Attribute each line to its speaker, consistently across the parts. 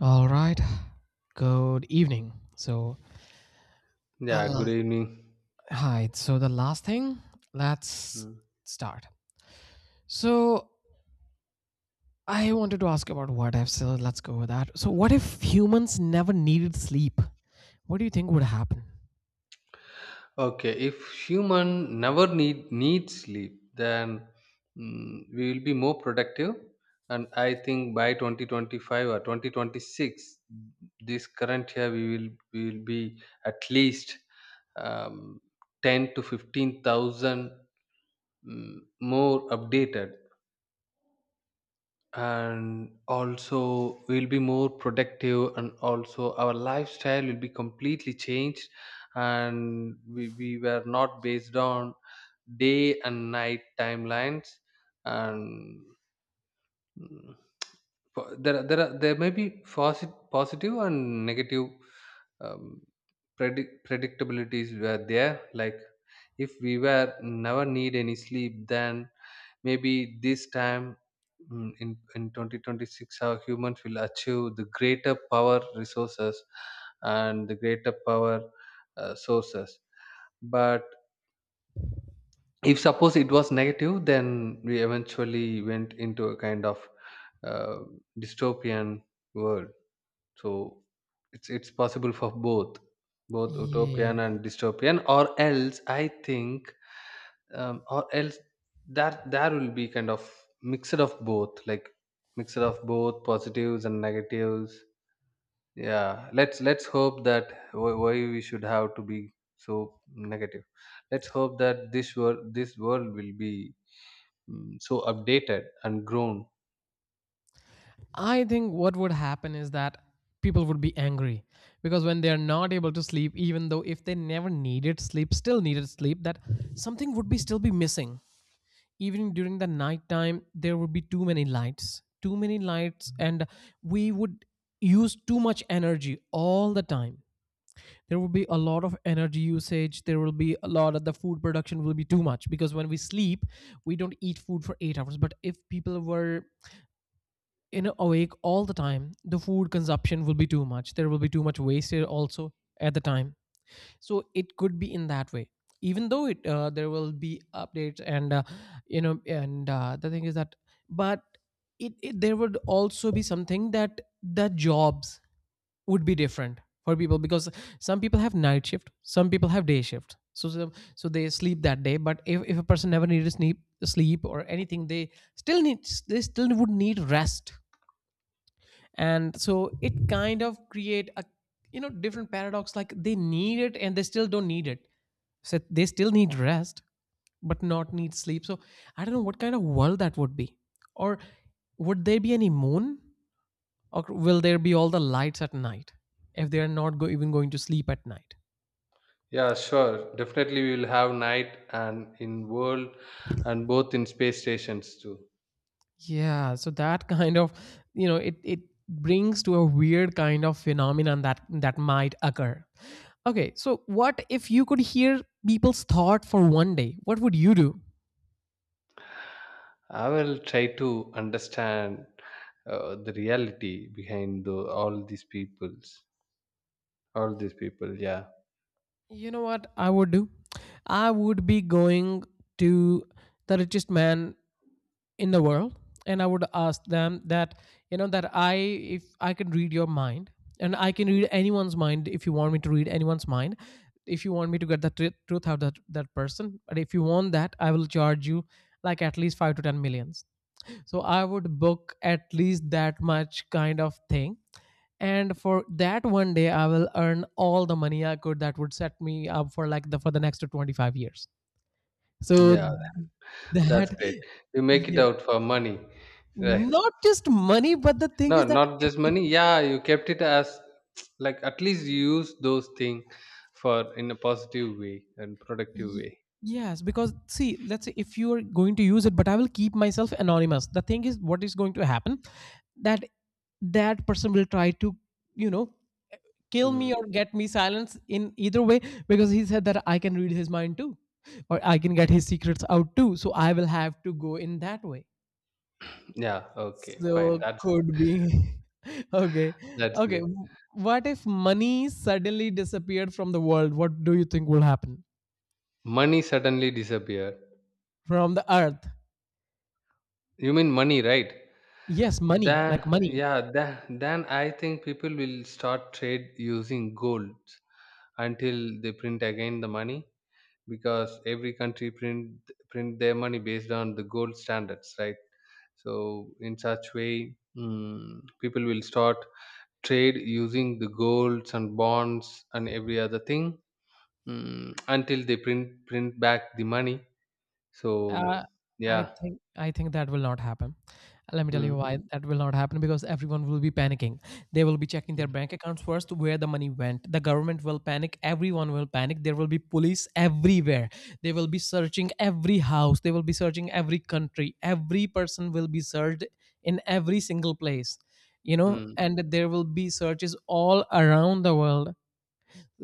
Speaker 1: All right. Good evening. The
Speaker 2: Yeah, good
Speaker 1: la-
Speaker 2: evening.
Speaker 1: the last thing, let's
Speaker 2: Mm.
Speaker 1: start. So, I wanted to ask about what if. So, let's go with that. So, what if humans never needed sleep? What do you think would happen?
Speaker 2: Okay, if human never need sleep, then we will be more productive. And I think by 2025 or 2026, this current year we will be at least um, 10 to 15,000 mm, more updated, and also we'll be more productive, and also our lifestyle will be completely changed. And we were not based on day and night timelines. And mm, there are, there may be positive and negative um, predictabilities were there. Like, if we were never need any sleep, then maybe this time, in 2026, how humans will achieve the greater power resources and the greater power sources. But if suppose it was negative, then we eventually went into a kind of uh, dystopian world. So it's possible for both, utopian
Speaker 1: Yeah,
Speaker 2: and dystopian. Or else I think, or else, that there will be kind of mixed of both, like mixed of both positives and negatives. Yeah, let's hope that, why we should have to be so negative? Let's hope that this world will be so updated and grown.
Speaker 1: I think what would happen is that people would be angry, because when they are not able to sleep, even though if they never needed sleep, still needed sleep, that something would be still be missing. Even during the nighttime, there would be too many lights, too many lights, and we would use too much energy all the time. There will be a lot of energy usage, there will be a lot of, the food production will be too much, because when we sleep we don't eat food for 8 hours, but if people were in awake all the time, the food consumption will be too much, there will be too much wastage also at the time. So it could be in that way, even though it there will be updates, and the thing is that, but it there would also be something that the jobs would be different for people, because some people have night shift, some people have day shift, so they sleep that day, but if a person never needed sleep or anything, they still need, they still would need rest, and so it kind of create a, you know, different paradox, like they need it and they still don't need it, so they still need rest but not need sleep. So I don't know what kind of world that would be, or would there be any moon, or will there be all the lights at night if they are not even going to sleep at night.
Speaker 2: Yeah, sure, definitely we will have night and in world, and both in space stations too.
Speaker 1: Yeah, so that kind of, you know, it brings to a weird kind of phenomenon that that might occur. Okay, so what if you could hear people's thought for one day? What would you do?
Speaker 2: I will try to understand the reality behind all these peoples. All these people, yeah,
Speaker 1: You know what I would do? I would be going to the richest man in the world, and I would ask them that, you know, that I, if I can read your mind, and I can read anyone's mind, if you want me to read anyone's mind, if you want me to get the truth out of that person, but if you want that, I will charge you like at least 5 to 10 millions. So I would book at least that much kind of thing, and for that one day I will earn all the money I could. That would set me up for like the for the next 25 years. So
Speaker 2: yeah, that's
Speaker 1: that
Speaker 2: great. You make it out for money, right?
Speaker 1: not just money, but the thing
Speaker 2: No,
Speaker 1: is that,
Speaker 2: not just
Speaker 1: if
Speaker 2: money. Yeah, you kept it as like, at least you use those things for in a positive way and productive
Speaker 1: y-
Speaker 2: way.
Speaker 1: yes, because see, let's say if you are going to use it, but I will keep myself anonymous. The thing is, what is going to happen, that that person will try to, you know, kill
Speaker 2: Mm.
Speaker 1: me or get me silence in either way, because he said that I can read his mind too, or I can get his secrets out too, so I will have to go in that way.
Speaker 2: Yeah, okay, fine.
Speaker 1: So
Speaker 2: That's
Speaker 1: could be. Okay.
Speaker 2: that's
Speaker 1: Okay.
Speaker 2: great.
Speaker 1: What if money suddenly disappeared from the world? What do you think will happen?
Speaker 2: Money suddenly disappeared.
Speaker 1: From the earth?
Speaker 2: You mean money, right?
Speaker 1: Yes, money, like
Speaker 2: Then,
Speaker 1: money.
Speaker 2: yeah, then, I think people will start trade using gold until they print again the money, because every country print their money based on the gold standards, right? So in such way, people will start trade using the golds and bonds and every other thing, until they print back the money. So
Speaker 1: Uh, I
Speaker 2: yeah.
Speaker 1: think I think that will not happen. Let me tell you
Speaker 2: Mm,
Speaker 1: why that will not happen, because everyone will be panicking. They will be checking their
Speaker 2: mm,
Speaker 1: bank accounts first, where the money went. The government will panic, everyone will panic. There will be police everywhere. They will be searching every house, they will be searching every country. Every person will be searched in every single place. You know,
Speaker 2: mm.
Speaker 1: and there will be searches all around the world,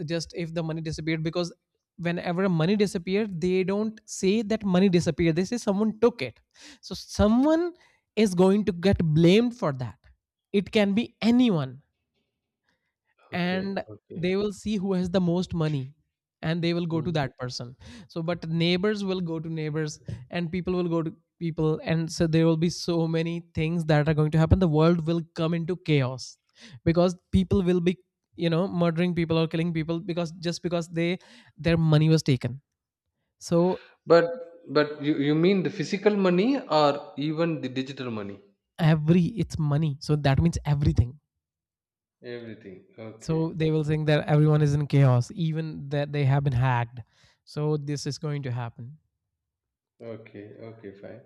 Speaker 1: just if the money disappeared, because whenever money disappeared, they don't say that money disappeared, they say someone took it. So someone is going to get blamed for that. It can be anyone,
Speaker 2: Okay.
Speaker 1: and
Speaker 2: Okay.
Speaker 1: they will see who has the most money, and they will go to
Speaker 2: Mm.
Speaker 1: that person. So but neighbors will go to neighbors, and people will go to people, and so there will be so many things that are going to happen. The world will come into chaos, because people will be, you know, murdering people or killing people, because just because they, their money was taken. So
Speaker 2: But but you mean the physical money or even the digital money?
Speaker 1: every, it's money, so that means everything.
Speaker 2: Everything. Okay.
Speaker 1: So they will think that everyone is in chaos, even that they have been hacked, so this is going to happen.
Speaker 2: Okay. Okay. Fine.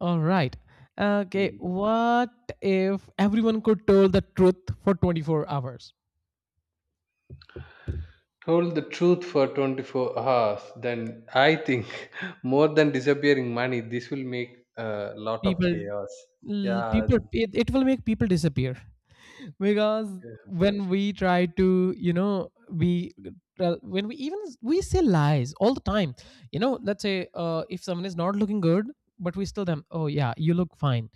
Speaker 1: All right. Okay,
Speaker 2: Hmm.
Speaker 1: what if everyone could tell the truth for 24 hours?
Speaker 2: Told the truth for 24 hours, then I think more than disappearing money, this will make a lot of
Speaker 1: People,
Speaker 2: chaos. Yeah.
Speaker 1: people, it will make people disappear. Because when we try to, you know, we tell- when we even we say lies all the time, you know, let's say, if someone is not looking good, but we still them, oh yeah, you look fine,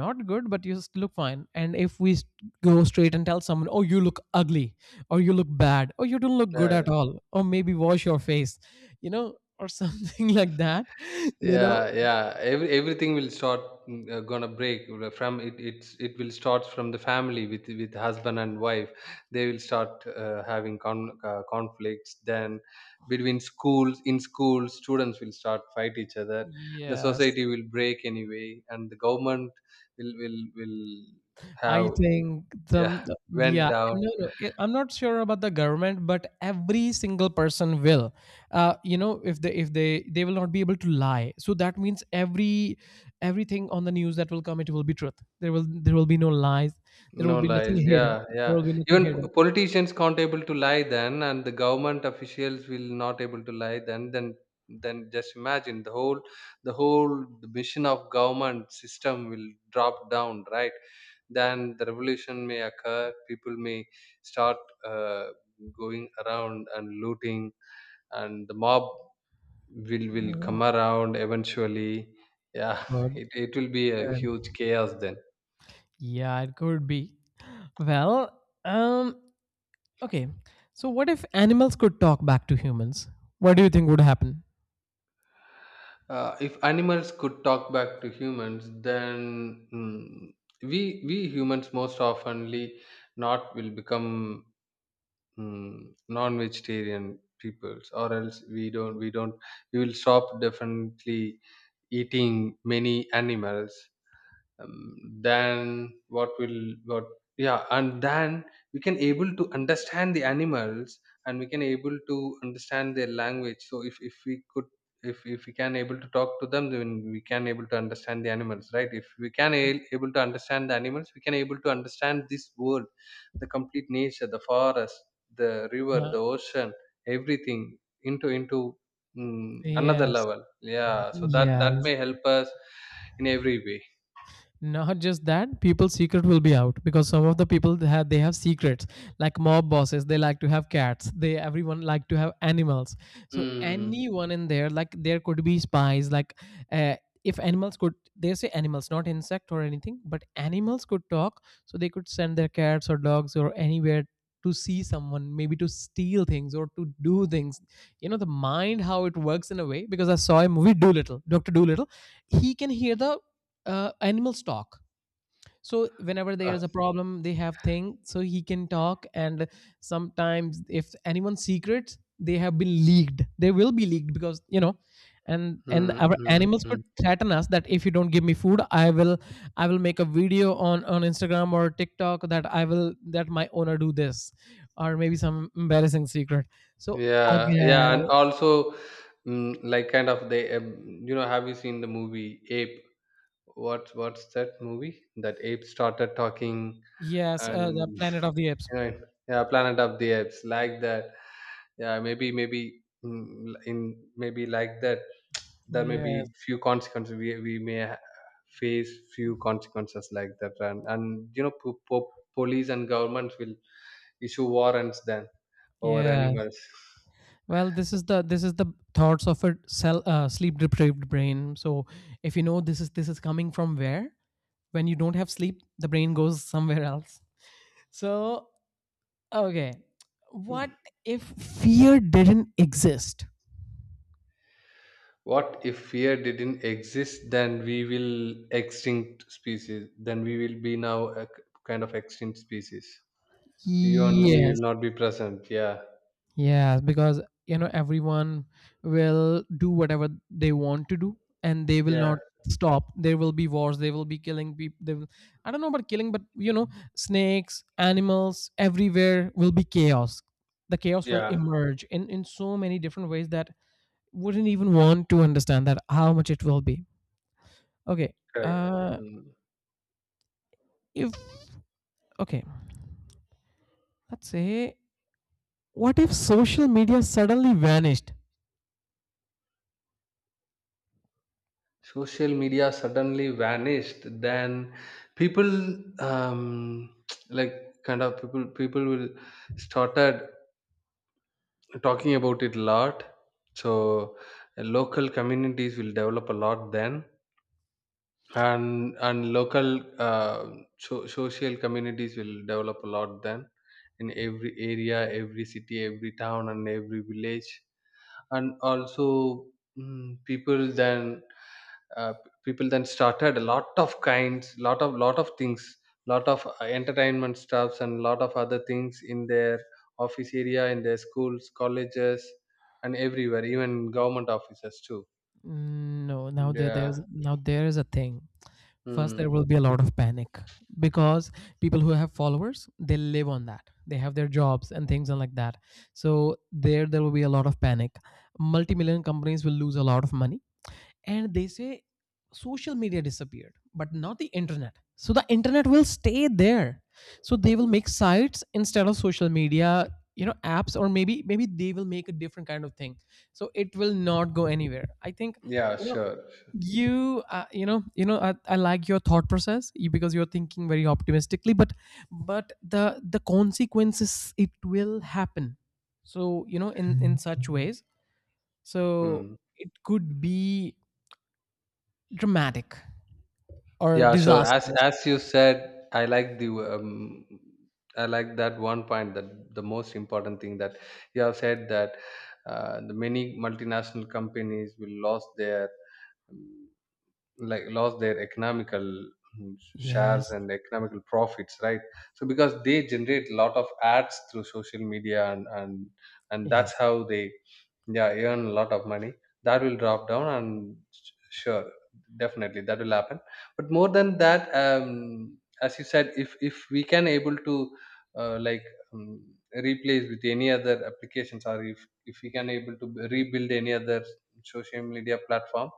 Speaker 1: not good, but you still look fine. And if we go straight and tell someone, oh, you look ugly, or you look bad, or you don't look good at
Speaker 2: Yeah.
Speaker 1: all, or maybe wash your face, you know, or something like that, you know.
Speaker 2: Yeah, yeah, everything will start gonna break. From it will start from the family with husband and wife. They will start having conflicts then. Between schools In schools, students will start fight each other. The
Speaker 1: Yes,
Speaker 2: society will break anyway, and the government will have,
Speaker 1: I think
Speaker 2: yeah.
Speaker 1: some,
Speaker 2: Went
Speaker 1: yeah,
Speaker 2: down.
Speaker 1: I'm not sure about the government, but every single person will, uh, you know, if they, if they will not be able to lie. So that means every, everything on the news that will come, it will be truth. There will be no lies, there
Speaker 2: No
Speaker 1: will be nothing
Speaker 2: lies.
Speaker 1: hidden,
Speaker 2: Yeah,
Speaker 1: there
Speaker 2: yeah.
Speaker 1: will be nothing
Speaker 2: Even
Speaker 1: hidden.
Speaker 2: politicians can't able to lie then, and the government officials will not able to lie then. Then, just imagine the whole mission of government system will drop down, right? Then the revolution may occur. People may start uh, going around and looting, and the mob will
Speaker 1: Oh,
Speaker 2: come around eventually. Yeah,
Speaker 1: God.
Speaker 2: it will be a
Speaker 1: Um,
Speaker 2: huge chaos then.
Speaker 1: yeah, it could be, well um okay, so what if animals could talk back to humans, what do you think would happen?
Speaker 2: If animals could talk back to humans, then, we humans most oftenly not will become, non-vegetarian peoples. Or else, we don't, we will stop definitely eating many animals. Then what will, what yeah. And then we can able to understand the animals, and we can able to understand their language. So if we could, if we can able to talk to them, then we can able to understand the animals, right? If we can able to understand the animals, we can able to understand this world, the complete nature, the forest, the river,
Speaker 1: Uh,
Speaker 2: the ocean, everything into another
Speaker 1: yes.
Speaker 2: level. Yeah, so that
Speaker 1: Yeah.
Speaker 2: that may help us in every way.
Speaker 1: Not just that, people's secret will be out, because some of the people, they have, they have secrets, like mob bosses, they like to have cats, they, everyone like to have animals. So
Speaker 2: Mm.
Speaker 1: anyone in there, like, there could be spies, like, uh, if animals could, they say animals, not insect or anything, but animals could talk, so they could send their cats or dogs or anywhere to see someone, maybe to steal things or to do things, you know, the mind, how it works in a way. Because I saw a movie, Doolittle, Dr. Doolittle, he can hear the, animals talk, so whenever
Speaker 2: Uh,
Speaker 1: there's a problem, they have thing, so he can talk, and sometimes if anyone's secrets, they have been leaked, they will be leaked. Because, you know, and
Speaker 2: mm,
Speaker 1: our
Speaker 2: mm,
Speaker 1: animals could
Speaker 2: mm.
Speaker 1: threaten us that, if you don't give me food, I will, I will make a video on Instagram or TikTok, that I will, that my owner do this, or maybe some embarrassing secret. So
Speaker 2: Yeah, yeah, and
Speaker 1: again,
Speaker 2: also, like, kind of, have you seen the movie Ape? What's that movie? That ape started talking,
Speaker 1: yes, the
Speaker 2: and
Speaker 1: Planet
Speaker 2: you
Speaker 1: of the Apes.
Speaker 2: know, yeah, Planet of the Apes, like that. Yeah, maybe mm, in maybe like that, there may
Speaker 1: Yes,
Speaker 2: be few consequences. We may face few consequences like that. And po po police and governments will issue warrants then over
Speaker 1: yes.
Speaker 2: animals.
Speaker 1: Well, this is the, this is the thoughts of a cell, sleep deprived brain. So, if you know, this is coming from where, when you don't have sleep, the brain goes somewhere else. So okay, what
Speaker 2: Hmm.
Speaker 1: if fear didn't exist?
Speaker 2: What if fear didn't exist? Then we will extinct species. Then we will be now a kind of extinct species. You and me
Speaker 1: Yes,
Speaker 2: will not be present. Yeah,
Speaker 1: yeah, because, you know, everyone will do whatever they want to do, and they will
Speaker 2: yeah,
Speaker 1: not stop. There will be wars. They will be killing people. They will, I don't know about killing, but you know, snakes, animals, everywhere will be chaos. The chaos will
Speaker 2: yeah.
Speaker 1: emerge in so many different ways that wouldn't even want to understand that how much it will be. Okay,
Speaker 2: Correct.
Speaker 1: uh,
Speaker 2: Mm.
Speaker 1: if okay, let's say, what if social media suddenly vanished?
Speaker 2: Social media suddenly vanished. Then, people, um, like, kind of people will started talking about it a lot. So, local communities will develop a lot then. And social communities will develop a lot then, in every area, every city, every town, and every village. And also, mm, people then uh, people then started a lot of kinds lot of things, lot of entertainment stuffs, and lot of other things in their office area, in their schools, colleges, and everywhere, even government offices too.
Speaker 1: Mm, no, now there,
Speaker 2: Yeah.
Speaker 1: there's now there is a thing. First, there
Speaker 2: Mm.
Speaker 1: will be a lot of panic, because people who have followers, they live on that. They have their jobs and things and like that. So there will be a lot of panic. Multi-million companies will lose a lot of money, and they say social media disappeared, but not the internet. So the internet will stay there. So they will make sites instead of social media, you know, apps, or maybe they will make a different kind of thing. So it will not go anywhere. I think,
Speaker 2: Yeah,
Speaker 1: you know,
Speaker 2: sure, sure.
Speaker 1: I like your thought process, because you're thinking very optimistically, but the consequences, it will happen. So you know, in such ways. So
Speaker 2: Mm.
Speaker 1: it could be dramatic or
Speaker 2: Yeah, sure. As
Speaker 1: disastrous.
Speaker 2: you said, I like the I like that one point, that the most important thing that you have said, that the many multinational companies will lost their um, like lost their economical, shares
Speaker 1: Yes,
Speaker 2: and economical profits, right? So because they generate a lot of ads through social media, and and that's
Speaker 1: yes,
Speaker 2: how they, yeah, earn a lot of money. That will drop down, and sure, definitely that will happen. But more than that, as you said, if we can able to uh, like um, replace with any other applications, or if we can able to rebuild any other social media platform,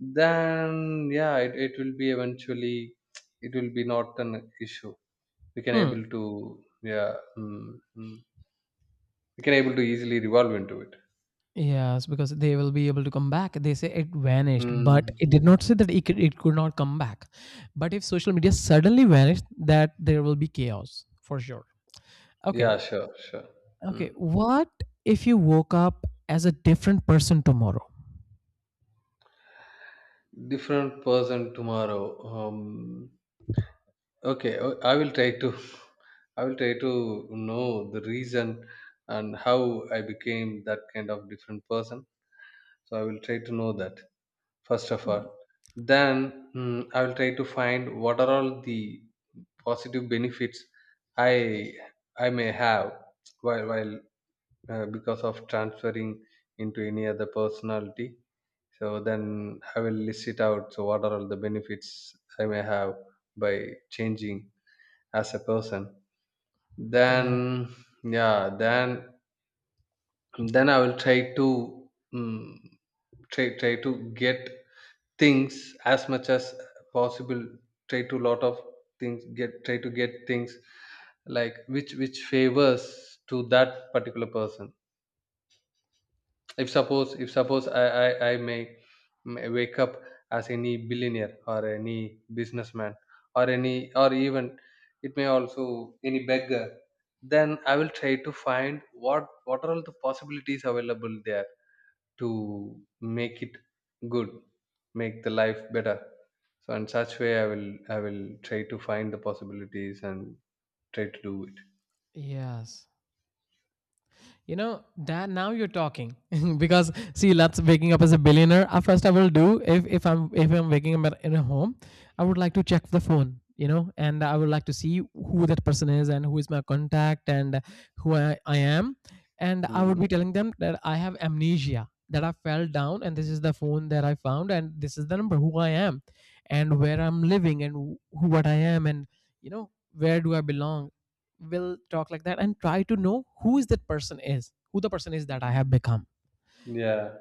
Speaker 2: then, yeah, it will be eventually, it will be not an issue. We can
Speaker 1: hmm.
Speaker 2: able to, yeah. We can able to easily revolve into it.
Speaker 1: Yes, because they will be able to come back. They say it vanished, but
Speaker 2: Mm.
Speaker 1: it did not say that it could not come back. But if social media suddenly vanished, that there will be chaos for sure. Okay.
Speaker 2: Yeah, sure, sure.
Speaker 1: Okay,
Speaker 2: Mm.
Speaker 1: what if you woke up as a different person tomorrow?
Speaker 2: Different person tomorrow. Okay, I will try to. I will try to know the reason and how I became that kind of different person. So I will try to know that first of all. Then, I will try to find what are all the positive benefits I I may have, while because of transferring into any other personality. So then I will list it out. So what are all the benefits I may have by changing as a person? Then,
Speaker 1: Yeah.
Speaker 2: yeah, then, I will try to try to get things as much as possible. Try to lot of try to get things like, which favors to that particular person. If suppose, I may wake up as any billionaire, or any businessman, or any or even it may also any beggar. Then I will try to find what are all the possibilities available there to make it good, make the life better. So in such way, I will try to find the possibilities and try to do it.
Speaker 1: Yes. You know, Dad. Now you're talking. Because see, that's waking up as a billionaire. First, I will do if, if I'm waking up in a home, I would like to check the phone. You know, and I would like to see who that person is and who is my contact and who I am. And I would
Speaker 2: Mhm.
Speaker 1: be telling them that I have amnesia, that I fell down, and this is the phone that I found, and this is the number, who I am, and where I'm living, and who what I am, and you know, where do I belong. Will talk like that and try to know who is that person is, that I have become.
Speaker 2: Yeah,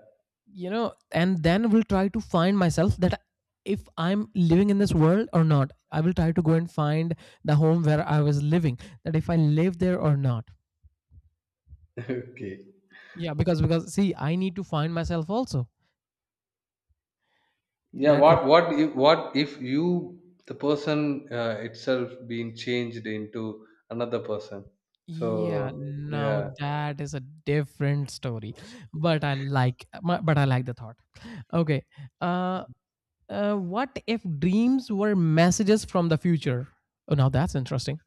Speaker 1: You know, and then will try to find myself that if I'm living in this world or not. I will try to go and find the home where I was living, that if I live there or not.
Speaker 2: okay.
Speaker 1: Yeah, because see, I need to find myself also.
Speaker 2: Yeah,
Speaker 1: That if.
Speaker 2: what if, you, the person itself being changed into another person.
Speaker 1: Yeah,
Speaker 2: So,
Speaker 1: now
Speaker 2: yeah.
Speaker 1: that is a different story. But but I like the thought. Okay. uh what if dreams were messages from the future? Oh, now that's interesting.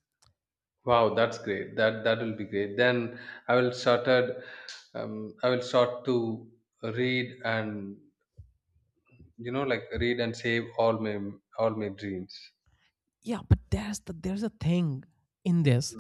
Speaker 2: Wow, that's great, that that will be great then. i will started I will start to read and, like, read and save all my dreams.
Speaker 1: Yeah, but there's a thing in this.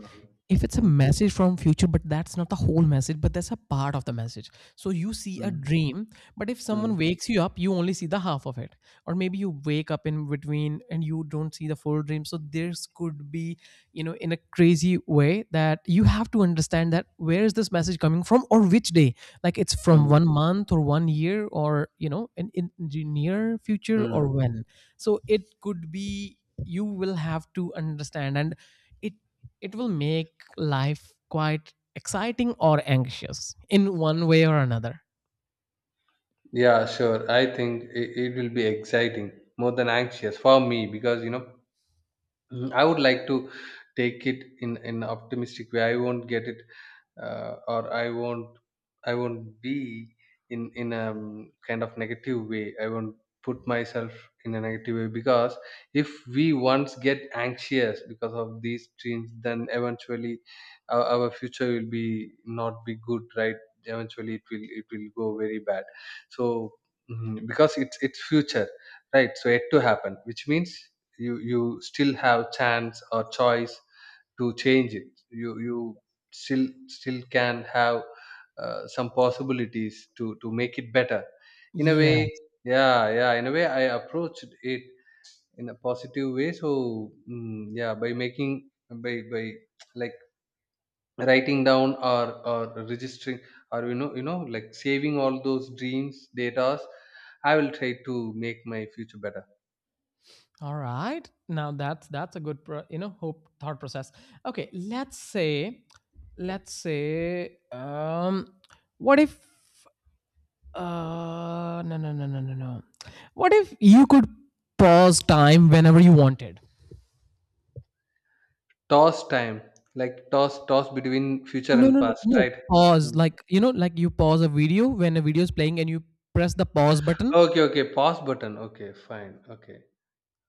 Speaker 1: If it's a
Speaker 2: Mm, mm,
Speaker 1: message from future, but that's not the whole message, but that's a part of the message. So you see a
Speaker 2: mm,
Speaker 1: dream, but if someone
Speaker 2: mm,
Speaker 1: wakes you up, you only see the half of it. Or maybe you wake up in between and you don't see the full dream. So there's could be, you know, in a crazy way, that you have to understand that where is this message coming from, or which day. Like it's from one
Speaker 2: mm.
Speaker 1: month or 1 year, or you know, in the near future or
Speaker 2: Mm.
Speaker 1: when. So it could be, you will have to understand, and it it will make life quite exciting or anxious in one way or another.
Speaker 2: Yeah, sure. I think it will be exciting, more than anxious for me because Mhm. I would like to take it in an optimistic way. I won't get it, or I won't be in a kind of negative way. I won't put myself in a negative way, because if we once get anxious because of these dreams, then eventually our future will be not be good, right? Eventually, it will go very bad. So, mhm, because it's future, right? So yet to happen, which means you still have chance or choice to change it. You still still can have some possibilities to make it better in a
Speaker 1: Yeah.
Speaker 2: way. Yeah, yeah, in a way I approached it in a positive way. So, yeah, by making, by like writing down, or registering, or like saving all those dreams datas, I will try to make my future better.
Speaker 1: All right. Now that's a good you know, hope thought process. Okay, let's say, let's say um what if uh no no no no no no. What if you could pause time whenever you wanted?
Speaker 2: Toss time, like toss between future
Speaker 1: No,
Speaker 2: and
Speaker 1: no, no,
Speaker 2: past,
Speaker 1: no,
Speaker 2: right?
Speaker 1: pause
Speaker 2: Hmm.
Speaker 1: like, you know, like you pause a video when a video is playing, and you press the pause button.
Speaker 2: Okay, okay. Pause button. Okay, fine. Okay.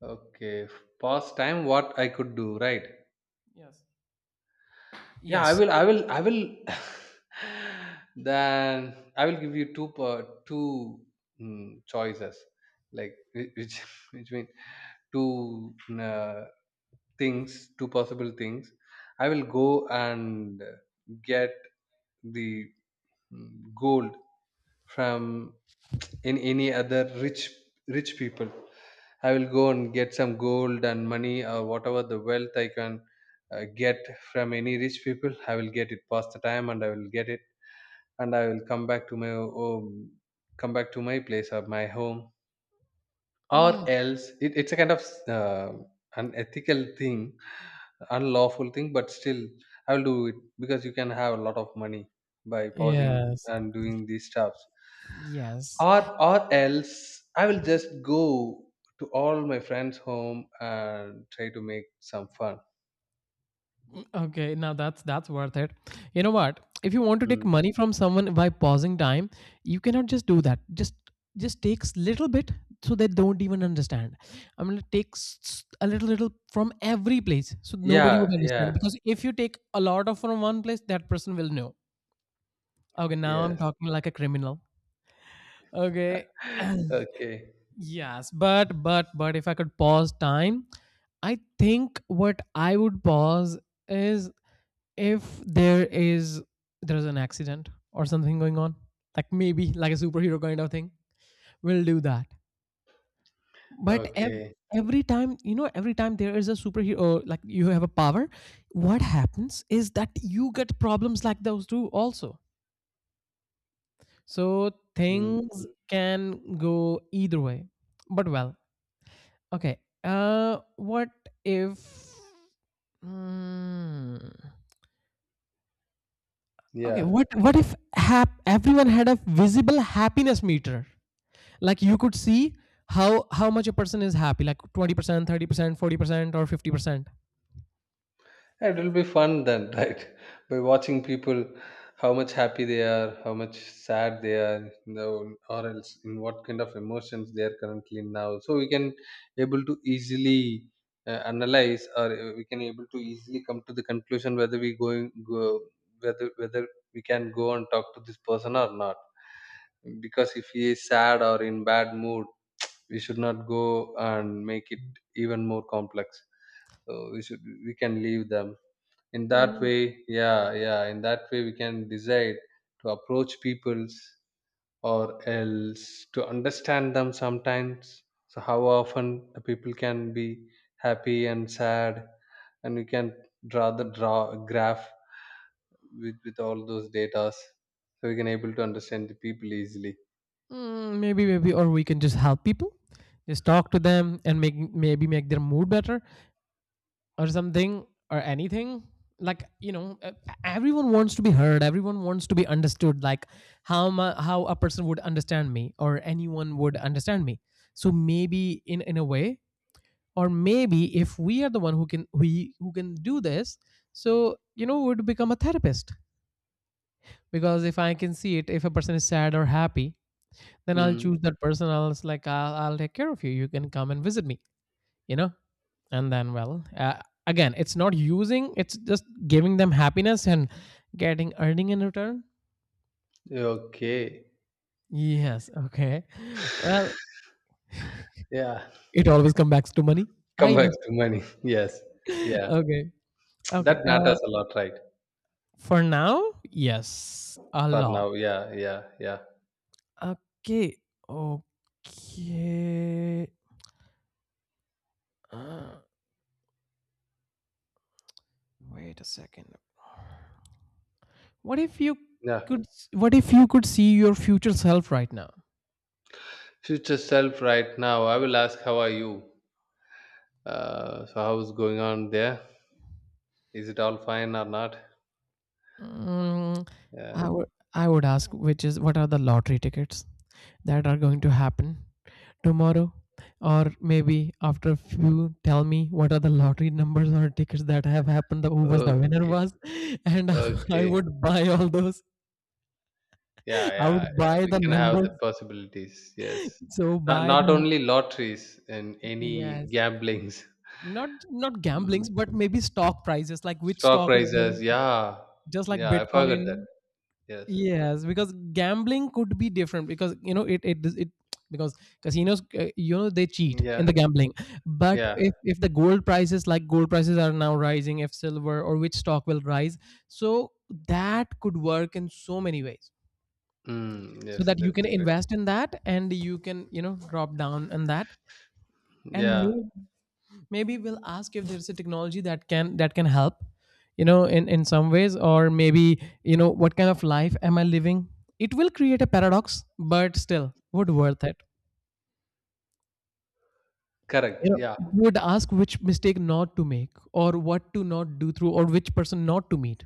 Speaker 2: Okay. Pause time what I could do, right?
Speaker 1: Yes.
Speaker 2: Yeah,
Speaker 1: Yes.
Speaker 2: I will then I will give you two choices. Like, which which means two uh, things, two possible things. I will go and get the gold from in any other rich people. I will go and get some gold and money or whatever the wealth I can get from any rich people. I will get it past the time and I will get it, and I will come back to my home come back to my place or my home. Or
Speaker 1: Mm.
Speaker 2: else it's a kind of uh, unethical thing, unlawful thing, but still I will do it, because you can have a lot of money by pausing
Speaker 1: Yes.
Speaker 2: and doing these stuffs.
Speaker 1: Yes.
Speaker 2: Or else I will just go to all my friends home and try to make some fun.
Speaker 1: Okay, now that's worth it. You know what? If you want to take
Speaker 2: Mm.
Speaker 1: money from someone by pausing time, you cannot just do that. Just takes little bit so they don't even understand. I am gonna take a little little from every place so nobody
Speaker 2: Yeah,
Speaker 1: would understand.
Speaker 2: yeah,
Speaker 1: Because if you take a lot of from one place, that person will know. Okay, now I'm
Speaker 2: yes.
Speaker 1: talking like a criminal. Okay.
Speaker 2: okay,
Speaker 1: Yes, but but if I could pause time, I think what I would pause is, if there is, there's an accident or something going on, like maybe like a superhero kind of thing, we'll do that. but ev-
Speaker 2: okay.
Speaker 1: every time, you know, every time there is a superhero, like you have a power, what happens is that you get problems like those too also. So
Speaker 2: Mm,
Speaker 1: things
Speaker 2: mm.
Speaker 1: can go either way. But well, okay. What if Hmm. okay
Speaker 2: Yeah.
Speaker 1: What if everyone had a visible happiness meter? Like you could see how much a person is happy, like 20%, 30%, 40% or 50%.
Speaker 2: It will be fun then, right? By watching people, how much happy they are, how much sad they are, you know, or else in what kind of emotions they are currently now. So we can able to easily analyze, or we can able to easily come to the conclusion whether we going go whether we can go and talk to this person or not. Because if he is sad or in bad mood, we should not go and make it even more complex. So we can leave them in that
Speaker 1: Mm.
Speaker 2: way. Yeah, yeah, in that way we can decide to approach peoples, or else to understand them sometimes. So how often the people can be happy and sad, and we can draw graph with all those datas, so we can able to understand the people easily.
Speaker 1: Mm, maybe, or we can just help people, just talk to them and make, maybe make their mood better, or something or anything. Like, you know, everyone wants to be heard, everyone wants to be understood. Like how a person would understand me, or anyone would understand me. So maybe, in a way, or maybe if we are the one who can we who can do this. So, you know, would become a therapist. Because if I can see it, if a person is sad or happy, then I'll
Speaker 2: Mm.
Speaker 1: choose that person. Else, I'll take care of you. You can come and visit me. You know, and then well, again, it's not using, it's just giving them happiness and getting earning in return.
Speaker 2: Okay.
Speaker 1: Yes, okay. Well,
Speaker 2: Yeah,
Speaker 1: it always comes back to money. I
Speaker 2: come back
Speaker 1: know.
Speaker 2: to money, yes. Yeah,
Speaker 1: Okay. okay
Speaker 2: that
Speaker 1: uh,
Speaker 2: matters a lot, right?
Speaker 1: for now, yes, a
Speaker 2: For
Speaker 1: lot.
Speaker 2: now, yeah, yeah, yeah,
Speaker 1: Okay. okay uh, Wait a second. what if you
Speaker 2: yeah.
Speaker 1: could what if you could see your future self right now?
Speaker 2: Future self, right now, I will ask, "How are you? So, how's going on there? Is it all fine or not?"
Speaker 1: Mm,
Speaker 2: Yeah.
Speaker 1: I would I would ask, which is, what are the lottery tickets that are going to happen tomorrow, or maybe after a few, tell me what are the lottery numbers or tickets that have happened, the who was the winner
Speaker 2: Okay.
Speaker 1: was and I
Speaker 2: Okay.
Speaker 1: would buy all those.
Speaker 2: Yeah,
Speaker 1: I
Speaker 2: yeah,
Speaker 1: would
Speaker 2: yeah,
Speaker 1: buy
Speaker 2: we
Speaker 1: the
Speaker 2: can have
Speaker 1: numbers,
Speaker 2: the possibilities. Yes.
Speaker 1: so
Speaker 2: Not,
Speaker 1: buy
Speaker 2: not
Speaker 1: the.
Speaker 2: only lotteries and any
Speaker 1: Yes,
Speaker 2: gamblings.
Speaker 1: not, gamblings,
Speaker 2: Mm.
Speaker 1: but maybe stock prices, like which
Speaker 2: Stock
Speaker 1: stock is
Speaker 2: prices.
Speaker 1: going,
Speaker 2: Yeah.
Speaker 1: just like
Speaker 2: Yeah, I forgot that.
Speaker 1: bitcoin.
Speaker 2: Yes.
Speaker 1: Yes, because gambling could be different because, you know, it because casinos, you know, they cheat in
Speaker 2: Yeah.
Speaker 1: the gambling. But
Speaker 2: Yeah.
Speaker 1: if the gold prices, like gold prices are now rising, if silver or which stock will rise, so that could work in so many ways.
Speaker 2: Mm,
Speaker 1: So
Speaker 2: yes,
Speaker 1: that you
Speaker 2: that's
Speaker 1: can
Speaker 2: correct.
Speaker 1: invest in that, and you can, you know, drop down on that and
Speaker 2: Yeah.
Speaker 1: make, maybe we'll ask if there's a technology that can help, you know, in some ways, or maybe, you know, what kind of life am I living. It will create a paradox, but still would worth it. You
Speaker 2: Correct.
Speaker 1: know,
Speaker 2: Yeah.
Speaker 1: would ask which mistake not to make, or what to not do through, or which person not to meet.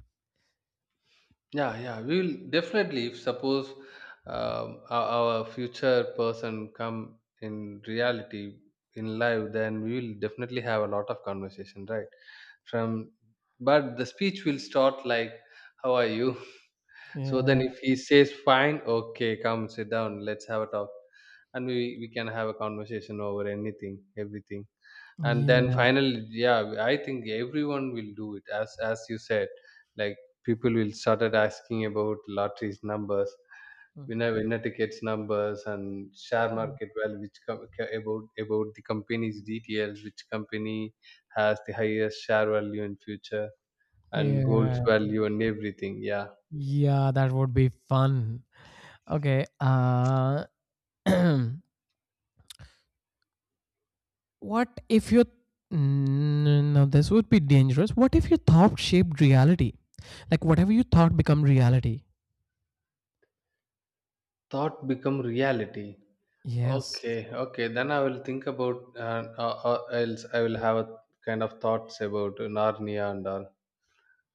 Speaker 2: Yeah, yeah, we will definitely. If suppose our future person come in reality in life, then we will definitely have a lot of conversation, right? From, but the speech will start like, "How are you?" So then,
Speaker 1: Yeah.
Speaker 2: if he says fine, okay, come sit down, let's have a talk, and we can have a conversation over anything, everything, and then
Speaker 1: Yeah.
Speaker 2: finally, yeah. I think everyone will do it as you said, like people will started asking about lotteries numbers,
Speaker 1: Mm.
Speaker 2: winner tickets numbers, and share market value, which about the company's details, which company has the highest share value in future, and gold's
Speaker 1: Yeah,
Speaker 2: value and everything, yeah.
Speaker 1: yeah that would be fun. Okay. What if you. Mm, no, this would be dangerous. What if your thought shaped reality? Like whatever you thought become reality.
Speaker 2: Thought become reality.
Speaker 1: Yes.
Speaker 2: Okay, okay, then I will think about else I will have a kind of thoughts about Narnia and all.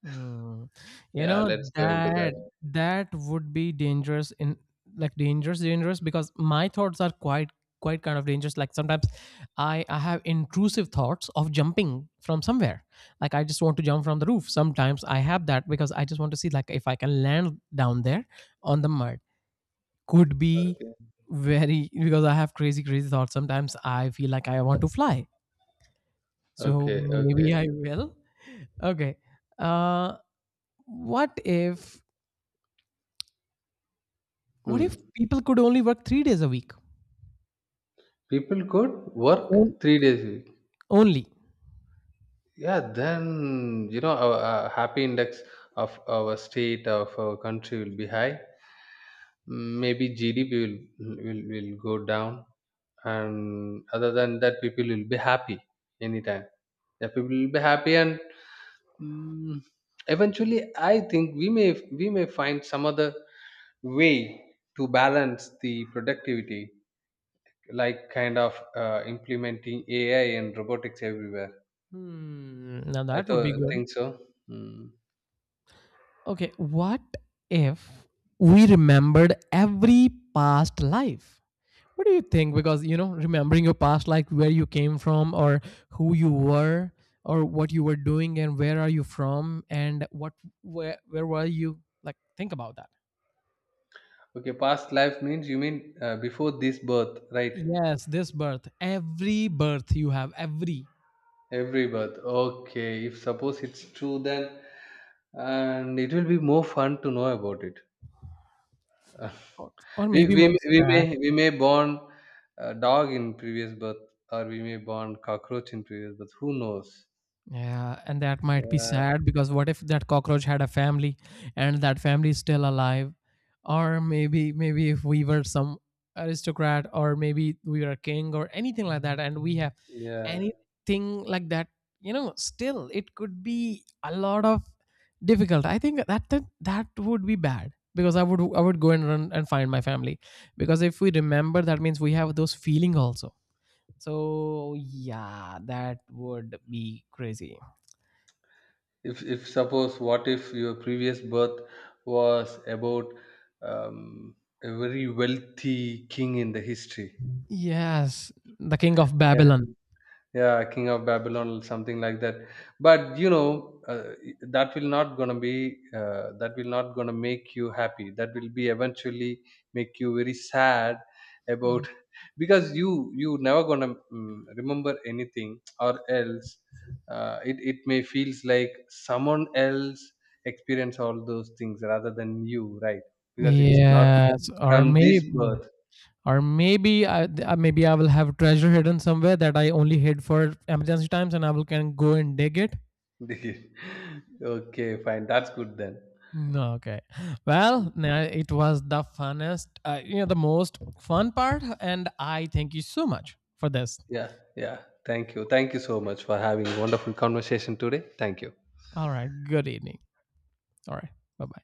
Speaker 1: Mm. You
Speaker 2: Yeah,
Speaker 1: know
Speaker 2: let's go into that.
Speaker 1: that, that would be dangerous in, like dangerous, dangerous, because my thoughts are quite, quite kind of dangerous. Like sometimes I have intrusive thoughts of jumping from somewhere. Like I just want to jump from the roof. Sometimes I have that because I just want to see, like if I can land down there on the mud, could be
Speaker 2: Okay,
Speaker 1: very, because I have crazy, crazy thoughts. Sometimes I feel like I want to fly. So
Speaker 2: okay,
Speaker 1: maybe
Speaker 2: okay.
Speaker 1: I will. Okay. Uh, what if what
Speaker 2: Hmm.
Speaker 1: if people could only work 3 days a week?
Speaker 2: People could
Speaker 1: On-
Speaker 2: work three days a week.
Speaker 1: Only.
Speaker 2: Yeah, then you know our happy index of our state of our country will be high. Maybe GDP will go down, and other than that, people will be happy anytime. Yeah, people will be happy, and mm, eventually, I think we may find some other way to balance the productivity, like kind of implementing AI and robotics everywhere.
Speaker 1: Hmm, now
Speaker 2: I
Speaker 1: that would be
Speaker 2: thought
Speaker 1: good.
Speaker 2: think so. Hmm.
Speaker 1: Okay. What if we remembered every past life? What do you think? Because, you know, remembering your past, like where you came from, or who you were, or what you were doing, and where are you from, and what, where were you? Like, think about that.
Speaker 2: Okay, past life means you mean before this birth, right?
Speaker 1: Yes, this birth, every birth you have, every,
Speaker 2: Every birth. Okay, if suppose it's true, then and it will be more fun to know about it.
Speaker 1: or,
Speaker 2: we,
Speaker 1: maybe
Speaker 2: we
Speaker 1: more
Speaker 2: we
Speaker 1: sad.
Speaker 2: may born a dog in previous birth, or we may born cockroach in previous birth. Who knows?
Speaker 1: Yeah, and that might be
Speaker 2: Yeah,
Speaker 1: sad because what if that cockroach had a family, and that family is still alive? Or maybe, if we were some aristocrat, or maybe we were a king or anything like that, and we have
Speaker 2: yeah.
Speaker 1: anything like that, you know, still it could be a lot of difficult. I think that that would be bad, because I would go and run and find my family, because if we remember, that means we have those feeling also. So yeah, that would be crazy.
Speaker 2: If suppose what if your previous birth was about um, a very wealthy king in the history.
Speaker 1: Yes, the King of
Speaker 2: Yeah,
Speaker 1: Babylon.
Speaker 2: yeah, king of Babylon or something like that. But you know, that will not gonna be that will not gonna make you happy, that will be eventually make you very sad about, because you never gonna remember anything. Or else it may feels like someone else experience all those things rather than you, right? Because it's not
Speaker 1: Yes,
Speaker 2: from this birth.
Speaker 1: or maybe maybe I will have treasure hidden somewhere that I only hid for emergency times, and I will can go and dig it.
Speaker 2: okay, fine, that's good then.
Speaker 1: No, okay.
Speaker 2: Hmm.
Speaker 1: Well, it was the funnest, you know, the most fun part, and I thank you so much for this.
Speaker 2: Yeah, yeah. Thank you. Thank you so much for having a wonderful conversation today. Thank you.
Speaker 1: All right. Good evening. All right. Bye bye.